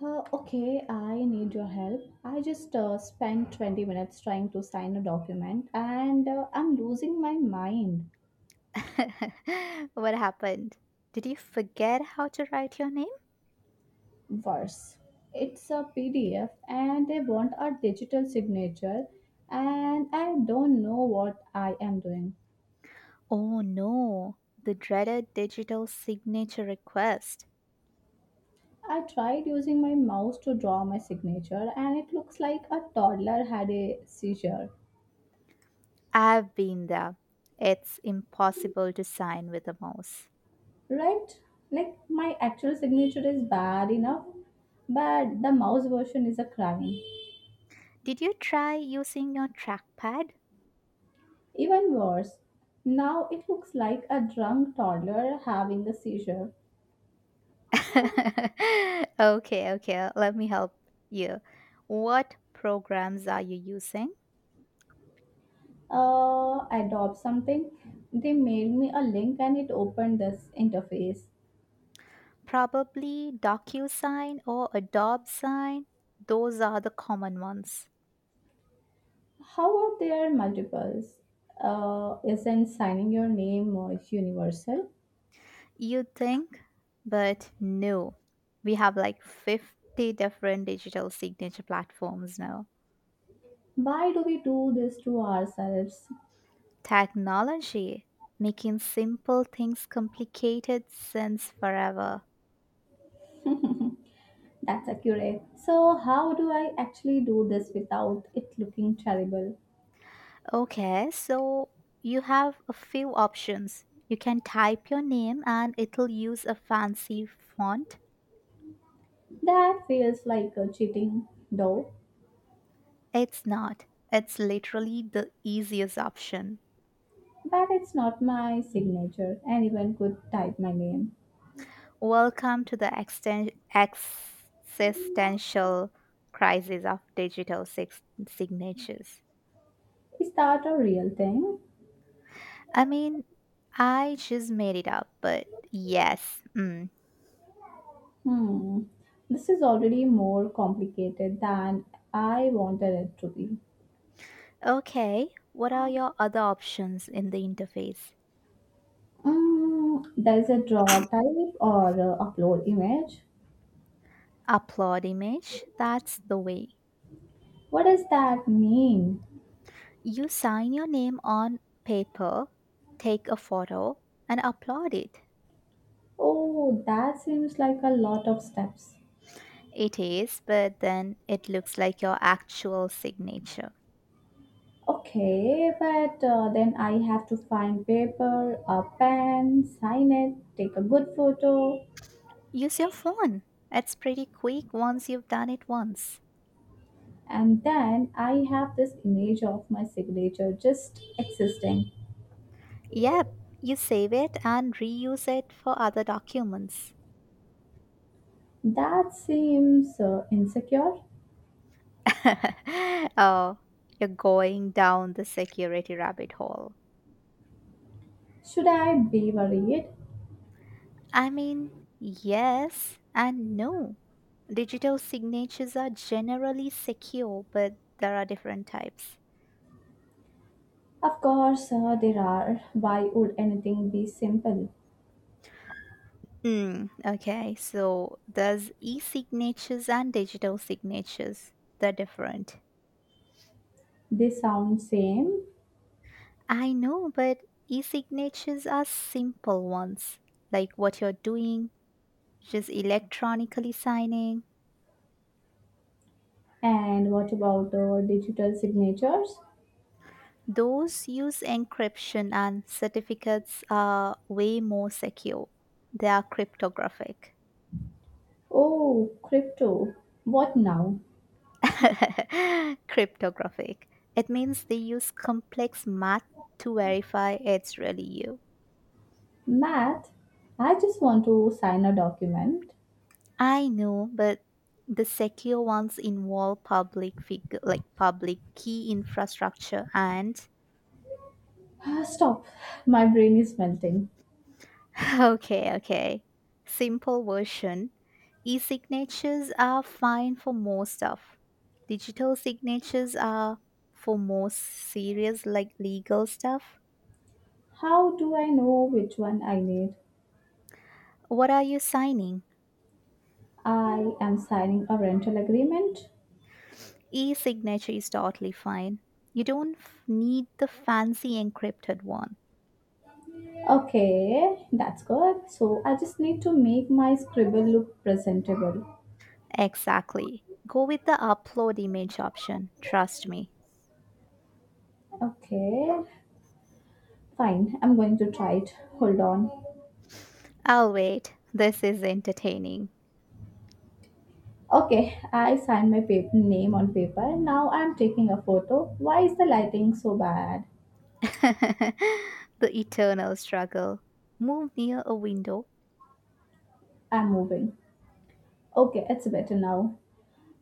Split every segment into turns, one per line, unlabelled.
Okay, I need your help. I just spent 20 minutes trying to sign a document, and I'm losing my mind.
What happened? Did you forget how to write your name?
Worse, it's a PDF and they want a digital signature, and I don't know what I am doing.
Oh no, the dreaded digital signature request.
I tried using my mouse to draw my signature, and it looks like a toddler had a seizure.
I've been there. It's impossible to sign with a mouse.
Right? Like, my actual signature is bad enough, but the mouse version is a crime.
Did you try using your trackpad?
Even worse, now it looks like a drunk toddler having a seizure.
okay, okay, let me help you. What programs are you using?
Adopt something. They made me a link and it opened this interface.
Probably DocuSign or Adobe Sign. Those are the common ones.
How are there multiples? Isn't signing your name more universal?
You'd think, but no. We have like 50 different digital signature platforms now.
Why do we do this to ourselves?
Technology making simple things complicated since forever.
That's accurate. So, how do I actually do this without it looking terrible?
Okay, so you have a few options. You can type your name and it'll use a fancy font.
That feels like cheating, though.
It's not. It's literally the easiest option.
But it's not my signature. Anyone could type my name.
Welcome to the existential crisis of signatures.
Is that a real thing?
I mean, I just made it up, but yes. Mm.
Hmm. This is already more complicated than I wanted it to be.
Okay, what are your other options in the interface?
Mm, there's a draw type or a upload image.
Upload image, that's the way.
What does that mean?
You sign your name on paper, take a photo, and upload it.
Oh, that seems like a lot of steps.
It is, but then it looks like your actual signature.
Okay, but then I have to find paper, a pen, sign it, take a good photo.
Use your phone. It's pretty quick once you've done it once.
And then I have this image of my signature just existing.
Yep, you save it and reuse it for other documents.
That seems insecure.
oh, you're going down the security rabbit hole.
Should I be worried?
I mean, yes and no. Digital signatures are generally secure, but there are different types.
Of course, there are. Why would anything be simple?
Okay, so there's e signatures and digital signatures. They're different.
They sound same.
I know, but e signatures are simple ones, like what you're doing, just electronically signing.
And what about digital signatures?
Those use encryption, and certificates are way more secure. They are cryptographic.
Oh, crypto. What now?
cryptographic. It means they use complex math to verify it's really you.
Math? I just want to sign a document.
I know, but the secure ones involve public figure like public key infrastructure and
Ah, stop. My brain is melting.
okay, okay. Simple version. E signatures are fine for most stuff. Digital signatures are for most serious, like legal stuff.
How do I know which one I need?
What are you signing?
I am signing a rental agreement.
E signature is totally fine. You don't need the fancy encrypted one.
Okay, that's good. So I just need to make my scribble look presentable.
Exactly. Go with the upload image option. Trust me.
Okay, fine. I'm going to try it. Hold on.
I'll wait. This is entertaining.
Okay, I signed my name on paper. Now I'm taking a photo. Why is the lighting so bad?
the eternal struggle. Move near a window.
I'm moving. Okay, it's better now.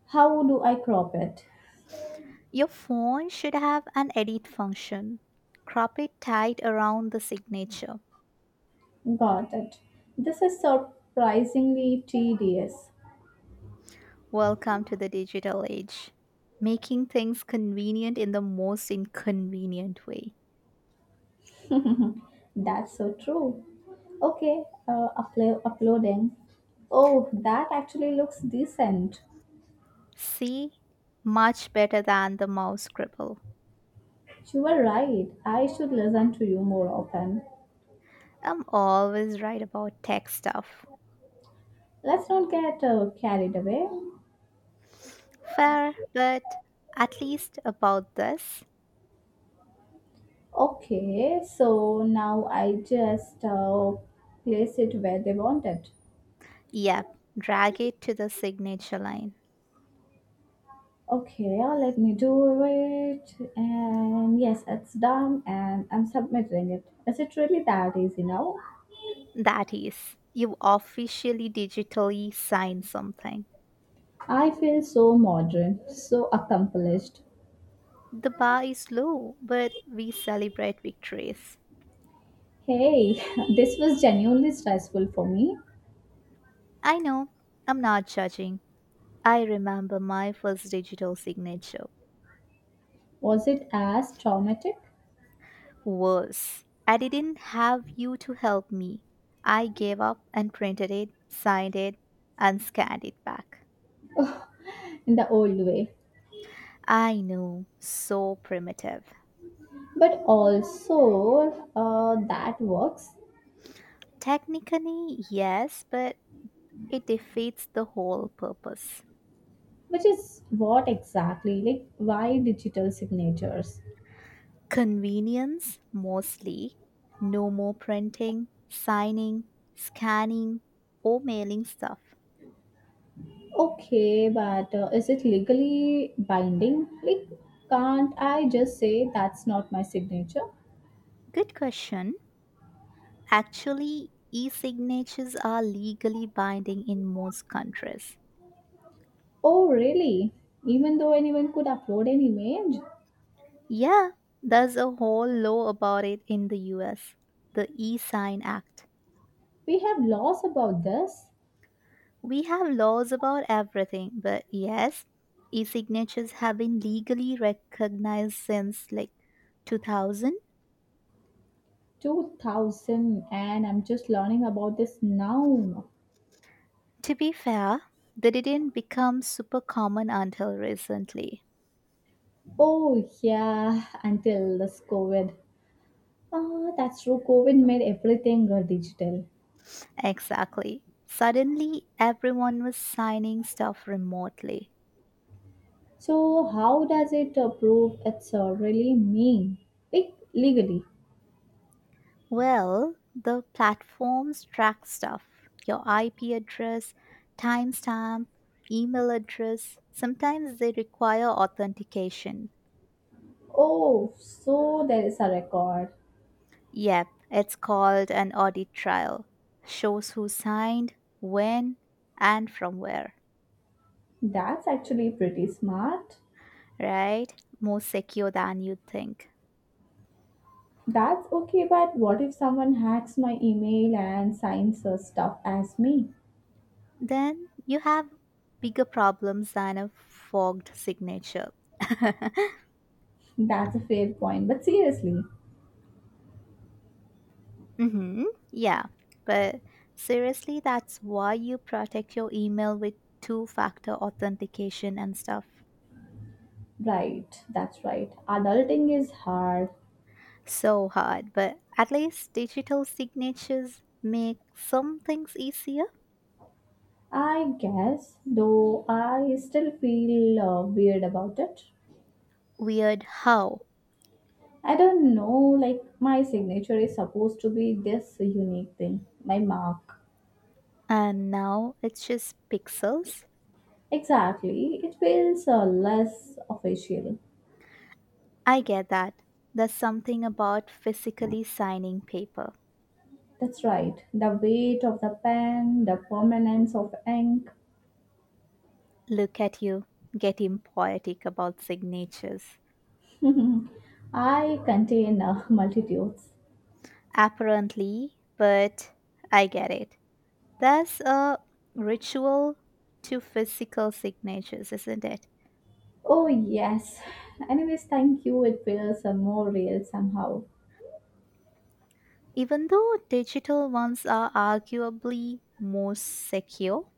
How do I crop it?
Your phone should have an edit function. Crop it tight around the signature.
Got it. This is surprisingly tedious.
Welcome to the digital age. Making things convenient in the most inconvenient way.
That's so true. Okay, uploading. Oh, that actually looks decent.
See? Much better than the mouse scribble.
You were right. I should listen to you more often.
I'm always right about tech stuff.
Let's not get carried away.
Fair, but at least about this.
Okay, so now I just place it where they want it.
Yep, drag it to the signature line.
Okay, let me do it. And yes, it's done. And I'm submitting it. Is it really that easy now?
That is, you officially digitally sign something.
I feel so modern, so accomplished.
The bar is low, but we celebrate victories.
Hey, this was genuinely stressful for me.
I know, I'm not judging. I remember my first digital signature.
Was it as traumatic
Worse, I didn't have you to help me. I gave up and printed it, signed it, and scanned it back.
in the old way?
I know, so primitive.
But also, that works,
Technically, yes, but it defeats the whole purpose.
which is what exactly? Like, why digital signatures?
Convenience mostly. No more printing, signing, scanning, or mailing stuff.
Okay, but is it legally binding? Like, can't I just say that's not my signature?
Good question. Actually, e signatures are legally binding in most countries.
Oh, really? Even though anyone could upload an image?
Yeah, there's a whole law about it in the US, the E Sign Act.
We have laws about this.
We have laws about everything, but yes, e signatures have been legally recognized since like 2000.
2000 and I'm just learning about this now.
To be fair, they didn't become super common until recently.
Oh, yeah, until this COVID. Ah, that's true. COVID made everything digital.
Exactly. Suddenly, everyone was signing stuff remotely.
So, how does it prove it's really me? Like, legally.
Well, the platforms track stuff, your IP address, timestamp, email address. Sometimes they require authentication.
Oh, so there is a record.
Yep, it's called an audit trial. Shows who signed, when, and from where,
That's actually pretty smart.
right? More secure than you would think.
That's okay, but what if someone hacks my email and signs stuff as me?
Then you have bigger problems than a fogged signature.
That's a fair point, but seriously.
Hmm. Yeah, but seriously, that's why you protect your email with two factor authentication and stuff.
Right, that's right. Adulting is hard,
So hard, but at least digital signatures make some things easier.
I guess, though I still feel weird about it.
Weird how.
I don't know, like, my signature is supposed to be this unique thing, my mark.
And now it's just pixels.
Exactly, it feels less official.
I get that. There's something about physically signing paper.
That's right, the weight of the pen, the permanence of ink.
Look at you getting poetic about signatures.
I contain multitudes.
Apparently, but I get it. There's a ritual to physical signatures, isn't it?
Oh, yes. Anyways, thank you. It feels more real somehow.
Even though digital ones are arguably more secure.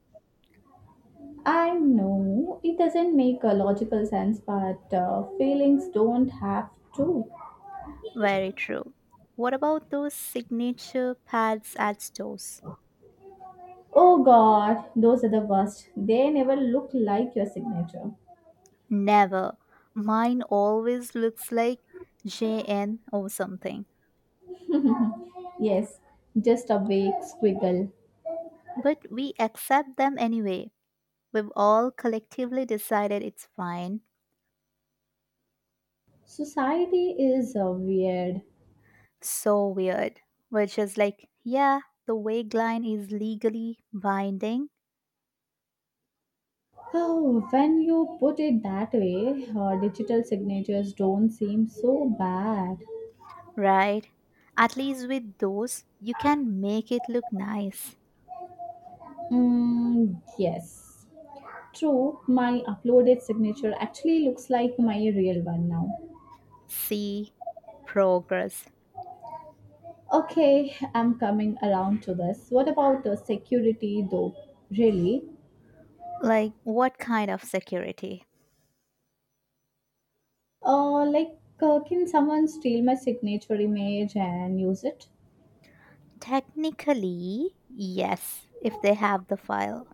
I know it doesn't make a logical sense, but feelings don't have to.
Very true. What about those signature pads at stores?
Oh god, those are the worst. They never look like your signature.
Never. Mine always looks like JN or something.
Yes, just a vague squiggle.
But we accept them anyway. We've all collectively decided it's fine.
Society is weird.
So weird. We're just like, yeah, the wig line is legally binding,
Oh, when you put it that way, digital signatures don't seem so bad.
right? At least with those, you can make it look nice.
Mm, yes. True, my uploaded signature actually looks like my real one now.
See, progress.
Okay, I'm coming around to this. What about security though? Really?
Like, what kind of security?
Like, can someone steal my signature image and use it?
Technically, yes, if they have the file.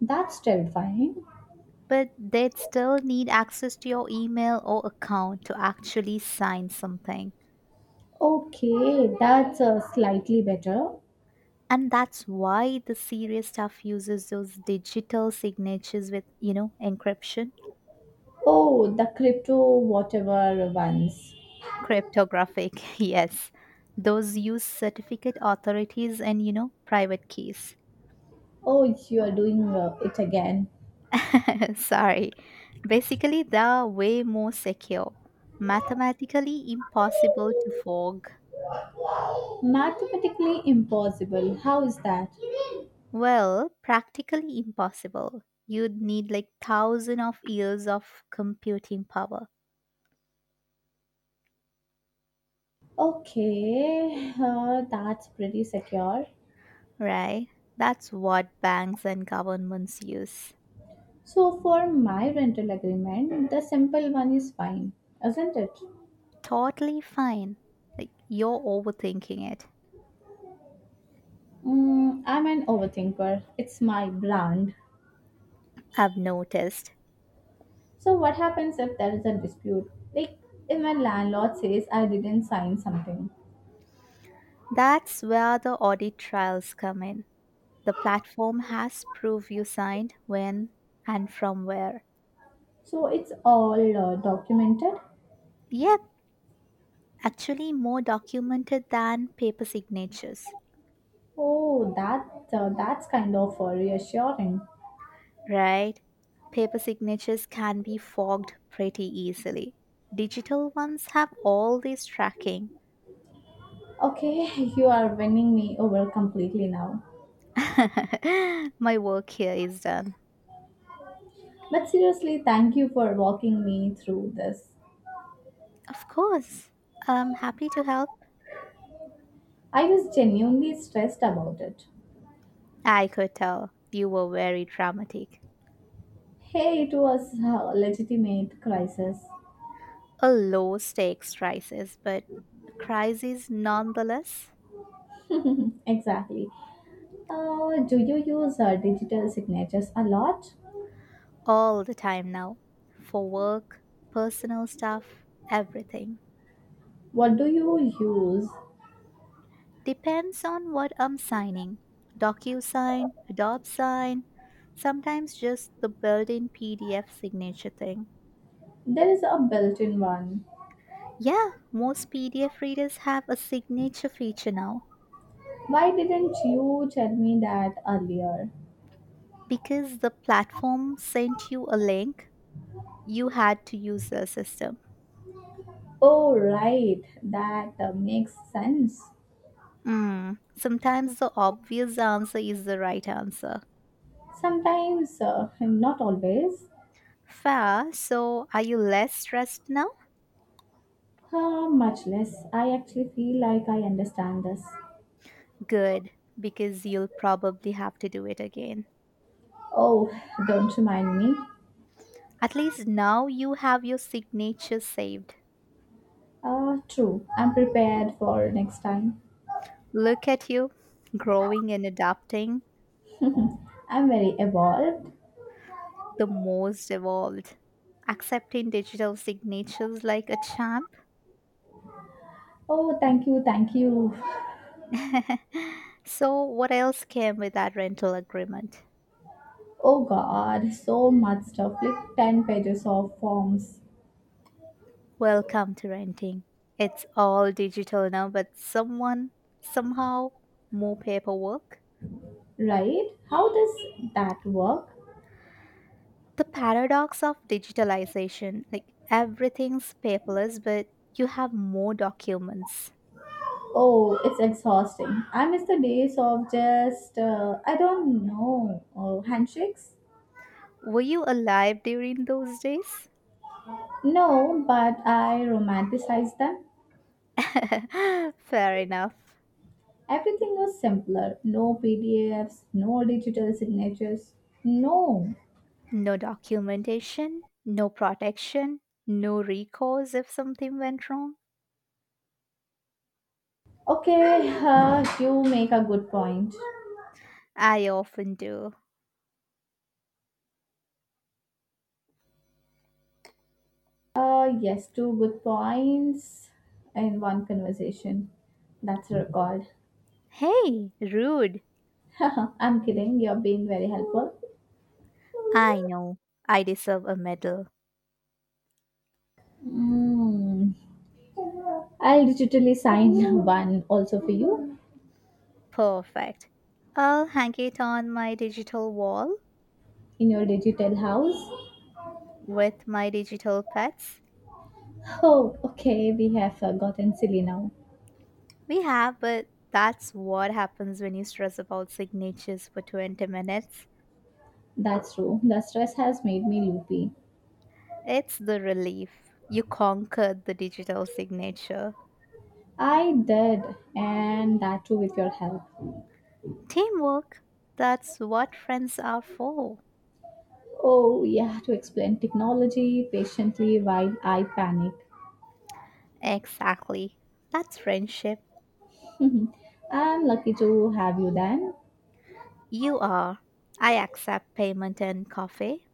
That's terrifying.
But they'd still need access to your email or account to actually sign something.
Okay, that's slightly better.
And that's why the serious stuff uses those digital signatures with, you know, encryption.
Oh, the crypto whatever ones.
Cryptographic, yes, those use certificate authorities and, you know, private keys.
Oh, you are doing it again.
Sorry, basically they're way more secure, mathematically impossible to fog.
Mathematically impossible. How is that?
Well, practically impossible. You'd need like thousand of years of computing power.
Okay, that's pretty secure.
Right, that's what banks and governments use.
So for my rental agreement, the simple one is fine, isn't it?
Totally fine. Like you're overthinking it.
Mm, I'm an overthinker. It's my brand.
I've noticed.
So what happens if there is a dispute? Like if my landlord says I didn't sign something,
That's where the audit trials come in. The platform has proof you signed, when and from where.
so it's all documented.
Yep, actually more documented than paper signatures,
Oh, that that's kind of reassuring.
right? Paper signatures can be fogged pretty easily. Digital ones have all this tracking.
Okay, you are winning me over completely now.
My work here is done.
But seriously, thank you for walking me through this.
Of course. I'm happy to help.
I was genuinely stressed about it.
I could tell you were very dramatic.
Hey, it was a legitimate crisis.
A low stakes crisis, but a crisis nonetheless,
Exactly. Do you use digital signatures a lot?
all the time now. For work, personal stuff, everything.
What do you use?
Depends on what I'm signing. DocuSign, Adobe Sign, sometimes just the built in PDF signature thing.
There is a built in one.
Yeah, most PDF readers have a signature feature now.
Why didn't you tell me that earlier?
Because the platform sent you a link, you had to use the system.
Oh, right. That makes sense.
Sometimes the obvious answer is the right answer.
Sometimes, not always.
Fair, so are you less stressed now?
Much less. I actually feel like I understand this.
Good, because you'll probably have to do it again.
Oh, don't remind me.
At least now you have your signature saved.
True. I'm prepared for next time.
Look at you, growing and adapting,
I'm very evolved.
the most evolved. Accepting digital signatures like a champ.
Oh, thank you, thank you.
So, what else came with that rental agreement?
Oh God, so much stuff like 10 pages of forms,
Welcome to renting. It's all digital now, but someone, somehow, more paperwork.
right? How does that work?
The paradox of digitalization, like everything's paperless, but you have more documents.
Oh, it's exhausting. I miss the days of just, I don't know, handshakes?
Were you alive during those days?
No, but I romanticize them.
Fair enough.
Everything was simpler. No PDFs, no digital signatures. No.
No documentation, no protection, no recourse if something went wrong.
Okay, you make a good point.
I often do.
Yes, two good points in one conversation. That's a record.
Hey, rude.
I'm kidding. You're being very helpful.
I know. I deserve a medal.
Mm. I'll digitally sign one also for you
Perfect. I'll hang it on my digital wall
in your digital house.
with my digital pets.
Oh, okay. We have gotten silly now.
We have, but that's what happens when you stress about signatures for 20 minutes.
That's true. The stress has made me loopy.
It's the relief. You conquered the digital signature.
I did, and that too with your help.
Teamwork. That's what friends are for.
Oh, yeah, to explain technology patiently while I panic.
Exactly. That's friendship.
Mhm. I'm lucky to have you then.
You are. I accept payment and coffee.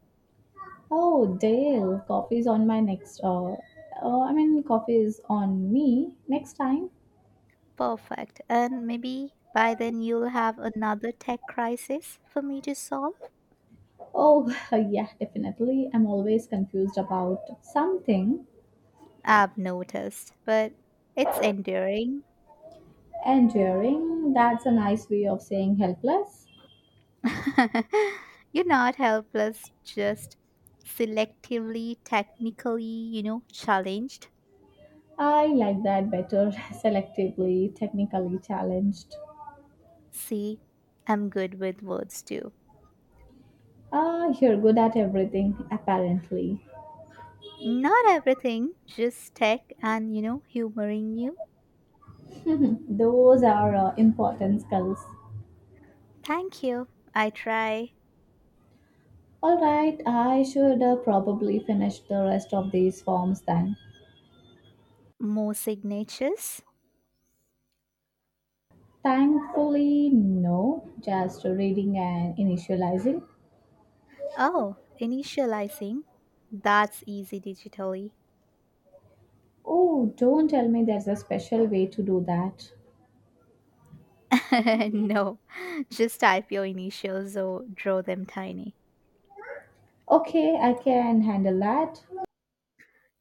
Oh, Dale, coffee's on my next, I mean, coffee is on me next time.
Perfect. And maybe by then you'll have another tech crisis for me to solve.
Oh, yeah, definitely. I'm always confused about something.
I've noticed, but it's enduring.
Enduring, that's a nice way of saying helpless.
You're not helpless, just selectively, technically, you know, challenged.
I like that better, selectively, technically challenged.
See, I'm good with words too.
Ah, you're good at everything, apparently.
Not everything, just tech and, you know, humoring you.
Those are important skills.
Thank you. I try
All right, I should probably finish the rest of these forms then.
more signatures.
Thankfully, no, just reading and initializing.
Oh, initializing? That's easy digitally.
Oh, don't tell me there's a special way to do that.
No, just type your initials or draw them tiny.
Okay, I can handle that.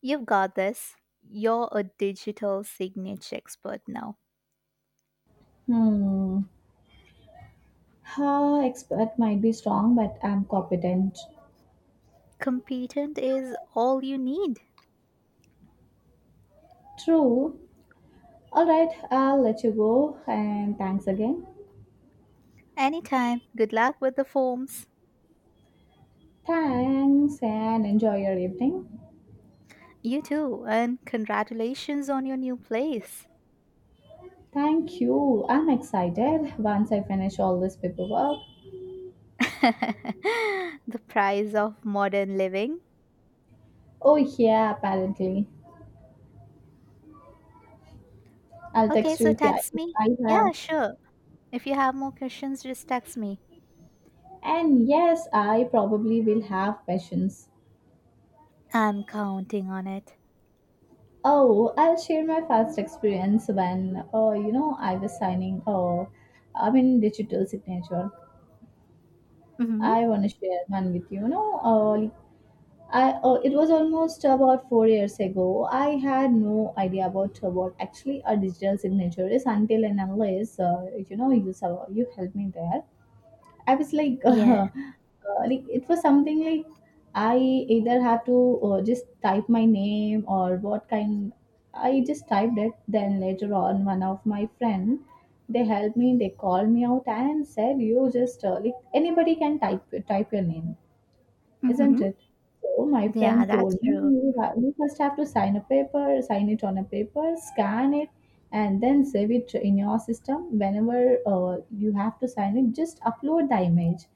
You've got this. You're a digital signature expert now.
Hmm, huh. Expert might be strong, but I'm competent.
Competent is all you need.
True. All right, I'll let you go and thanks again.
Anytime. Good luck with the forms.
Thanks and enjoy your evening.
You too, and congratulations on your new place.
Thank you. I'm excited once I finish all this paperwork.
The prize of modern living.
Oh, yeah, apparently. I'll
Okay,
text you
so text
if
me.
I have.
Yeah, sure. If you have more questions, just text me.
And yes, I probably will have questions.
I'm counting on it.
Oh, I'll share my first experience when, I was signing, I mean, digital signature.
Mm-hmm.
I want to share one with you. You know, I It was almost about 4 years ago. I had no idea about what actually a digital signature is until and unless you know you saw, you helped me there. I was like,
Yeah.
like it was something like I either have to just type my name or what kind. I just typed it. Then later on, one of my friend they helped me. They called me out and said, "You just like anybody can type your name." Isn't
Mm-hmm.
it? So my
Yeah,
friend
that's
told me
true.
you first have to sign a paper, sign it on a paper, scan it, and then save it in your system. Whenever you have to sign it, just upload the image.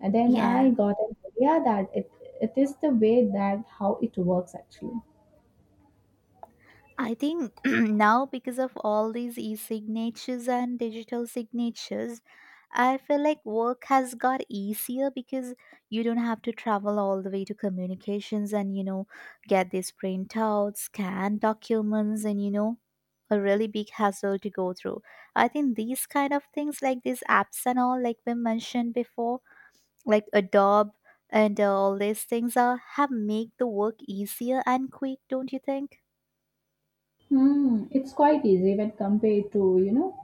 And then I
Yeah.
got an idea that it is the way that how it works actually.
I think now because of all these e-signatures and digital signatures, I feel like work has got easier because you don't have to travel all the way to communications and, you know, get these printouts, scan documents and, you know, a really big hassle to go through. I think these kind of things like these apps and all like we mentioned before like Adobe and all these things are have make the work easier and quick, don't you think?
Hmm, it's quite easy when compared to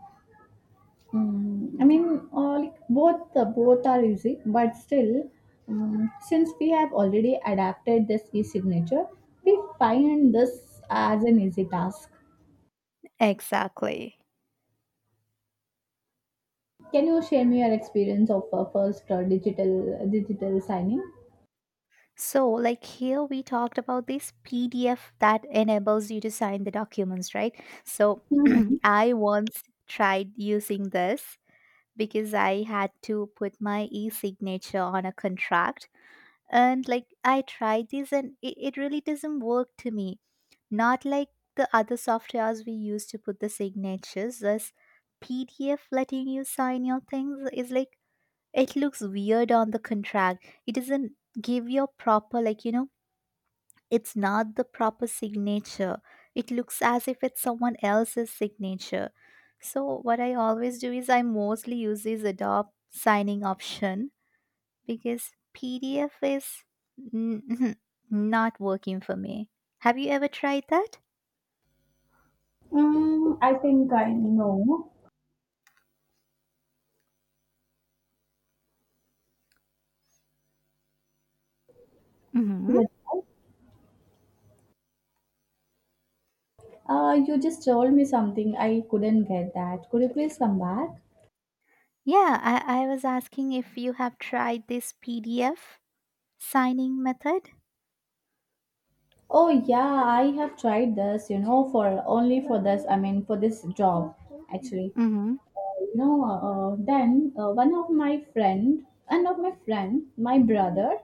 Mm, I mean, like both are easy, but still, since we have already adapted this e-signature, we find this as an easy task.
Exactly.
Can you share me your experience of first digital signing?
So, like here, we talked about this PDF that enables you to sign the documents, right? So,
Hmm.
I once tried using this because I had to put my e signature on a contract. And, like, I tried this and it really doesn't work to me. Not like the other softwares we use to put the signatures. This PDF letting you sign your things is like it looks weird on the contract. It doesn't give your proper like, you know, it's not the proper signature. It looks as if it's someone else's signature. So what I always do is I mostly use this Adobe signing option because PDF is not working for me. Have you ever tried that?
I think I know. You're
Mhm.
right. You just told me something. I couldn't get that. Could you please come back?
Yeah, I was asking if you have tried this PDF signing method.
Oh yeah, I have tried this, you know, for only for this, I mean, for this job, actually.
Mm-hmm.
You know, then one of my friend, One of my friend, my brother,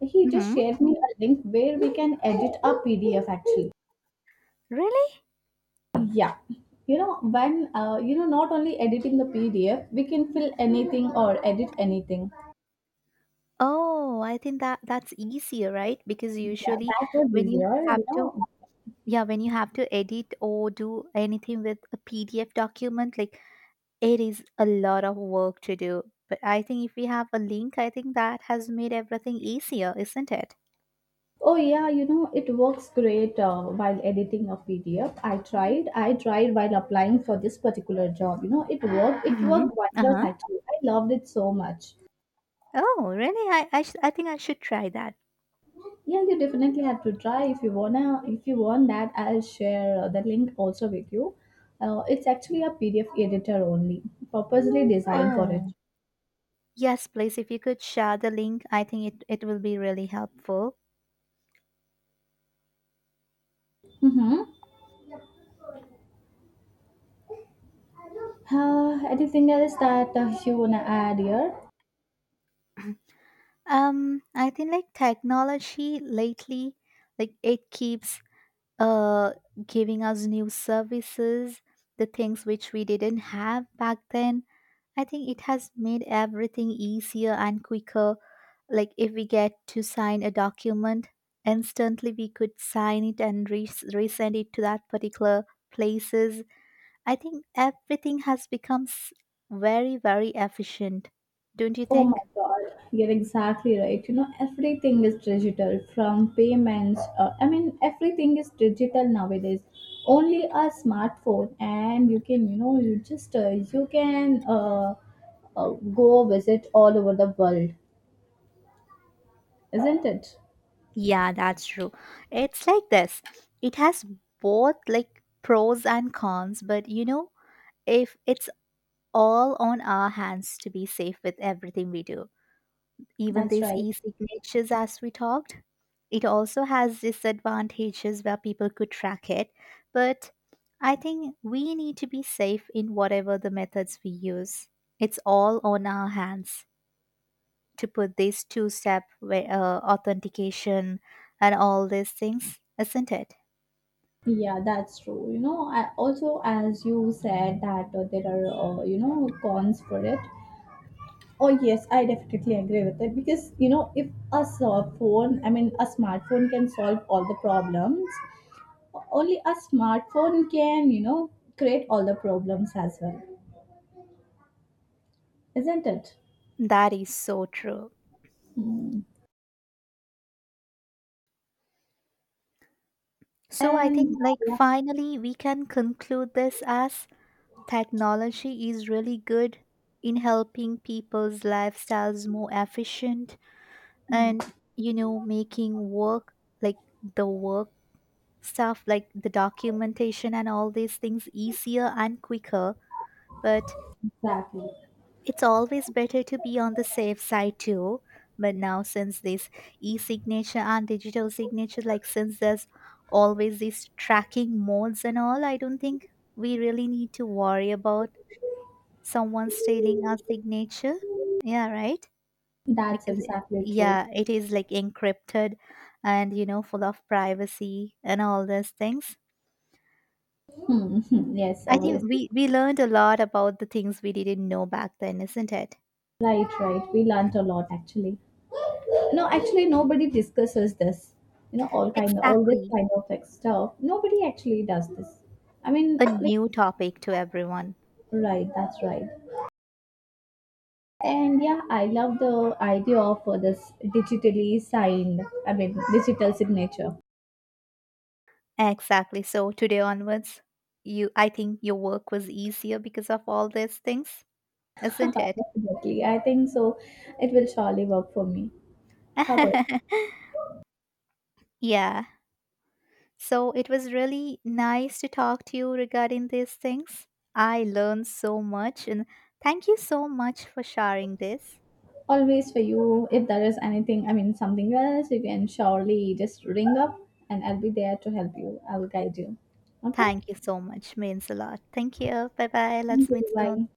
he just
Mm-hmm.
shared me a link where we can edit a PDF actually.
Really?
Yeah. Not only editing the PDF, we can fill anything or edit anything.
Oh, I think that's easier, right? Because
Yeah,
usually
that was
when you
easier,
have
you
to,
know.
yeah, when you have to edit or do anything with a PDF document, like it is a lot of work to do. But I think if we have a link, I think that has made everything easier, isn't it?
Oh yeah, you know it works great while editing a PDF. I tried while applying for this particular job. It
Mm-hmm.
worked wonders
Uh-huh.
actually. I loved it so much.
Oh, really? I think I should try that.
Yeah, you definitely have to try if you wanna. If you want that, I'll share the link also with you. It's actually a PDF editor only, purposely designed for it.
Oh, yes, please, if you could share the link, I think it will be really helpful.
Mm-hmm. Anything else that you wanna add here?
I think like technology lately, like it keeps uh giving us new services, the things which we didn't have back then. I think it has made everything easier and quicker. Like if we get to sign a document, instantly we could sign it and resend it to that particular places. I think everything has become very, very efficient, don't you
Oh my
think?
God, you're exactly right. You know, everything is digital from payments. I mean, everything is digital nowadays. Only a smartphone, and you can, you know, you just you can go visit all over the world, isn't it?
Yeah, that's true. It's like this. It has both like pros and cons, but you know, if it's all on our hands to be safe with everything we do. Even
That's
these
right.
e-signatures as we talked, it also has disadvantages where people could track it, but I think we need to be safe in whatever the methods we use. It's all on our hands to put this two step authentication and all these things, isn't it?
Yeah, that's true. You know, also as you said that there are cons for it. Oh yes, I definitely agree with it because you know if I mean a smartphone can solve all the problems. Only a smartphone can you know create all the problems as well, isn't it?
That is so true.
Hmm.
So I
And
think like
yeah,
finally we can conclude this as technology is really good in helping people's lifestyles more efficient and, you know, making work like the work stuff like the documentation and all these things easier and quicker, but
exactly,
it's always better to be on the safe side too. But now, since this e signature and digital signature, like since there's always these tracking modes and all, I don't think we really need to worry about someone stealing our signature. Yeah, right?
that's
Because,
exactly true.
yeah, it is like encrypted and, you know, full of privacy and all those things.
Hmm. Yes,
I think
obviously.
we learned a lot about the things we didn't know back then, isn't it?
Right, right. We learnt a lot actually. No, actually nobody discusses this. You know, all this
Exactly.
kind of like stuff. Nobody actually does this. I mean,
A
like
new topic to everyone.
right, that's right. And yeah, I love the idea of this digitally signed, I mean, digital signature.
Exactly. So today onwards, you I think your work was easier because of all these things, isn't it?
Definitely. I think so. It will surely work for me. How about
Yeah. So it was really nice to talk to you regarding these things. I learned so much and thank you so much for sharing this.
always for you? If there is anything, I mean, something else, you can surely just ring up and I'll be there to help you. I'll guide you. Okay?
Thank you so much. Means a lot. Thank you. Bye bye.
Thank
Let's meet
you. Bye.
soon.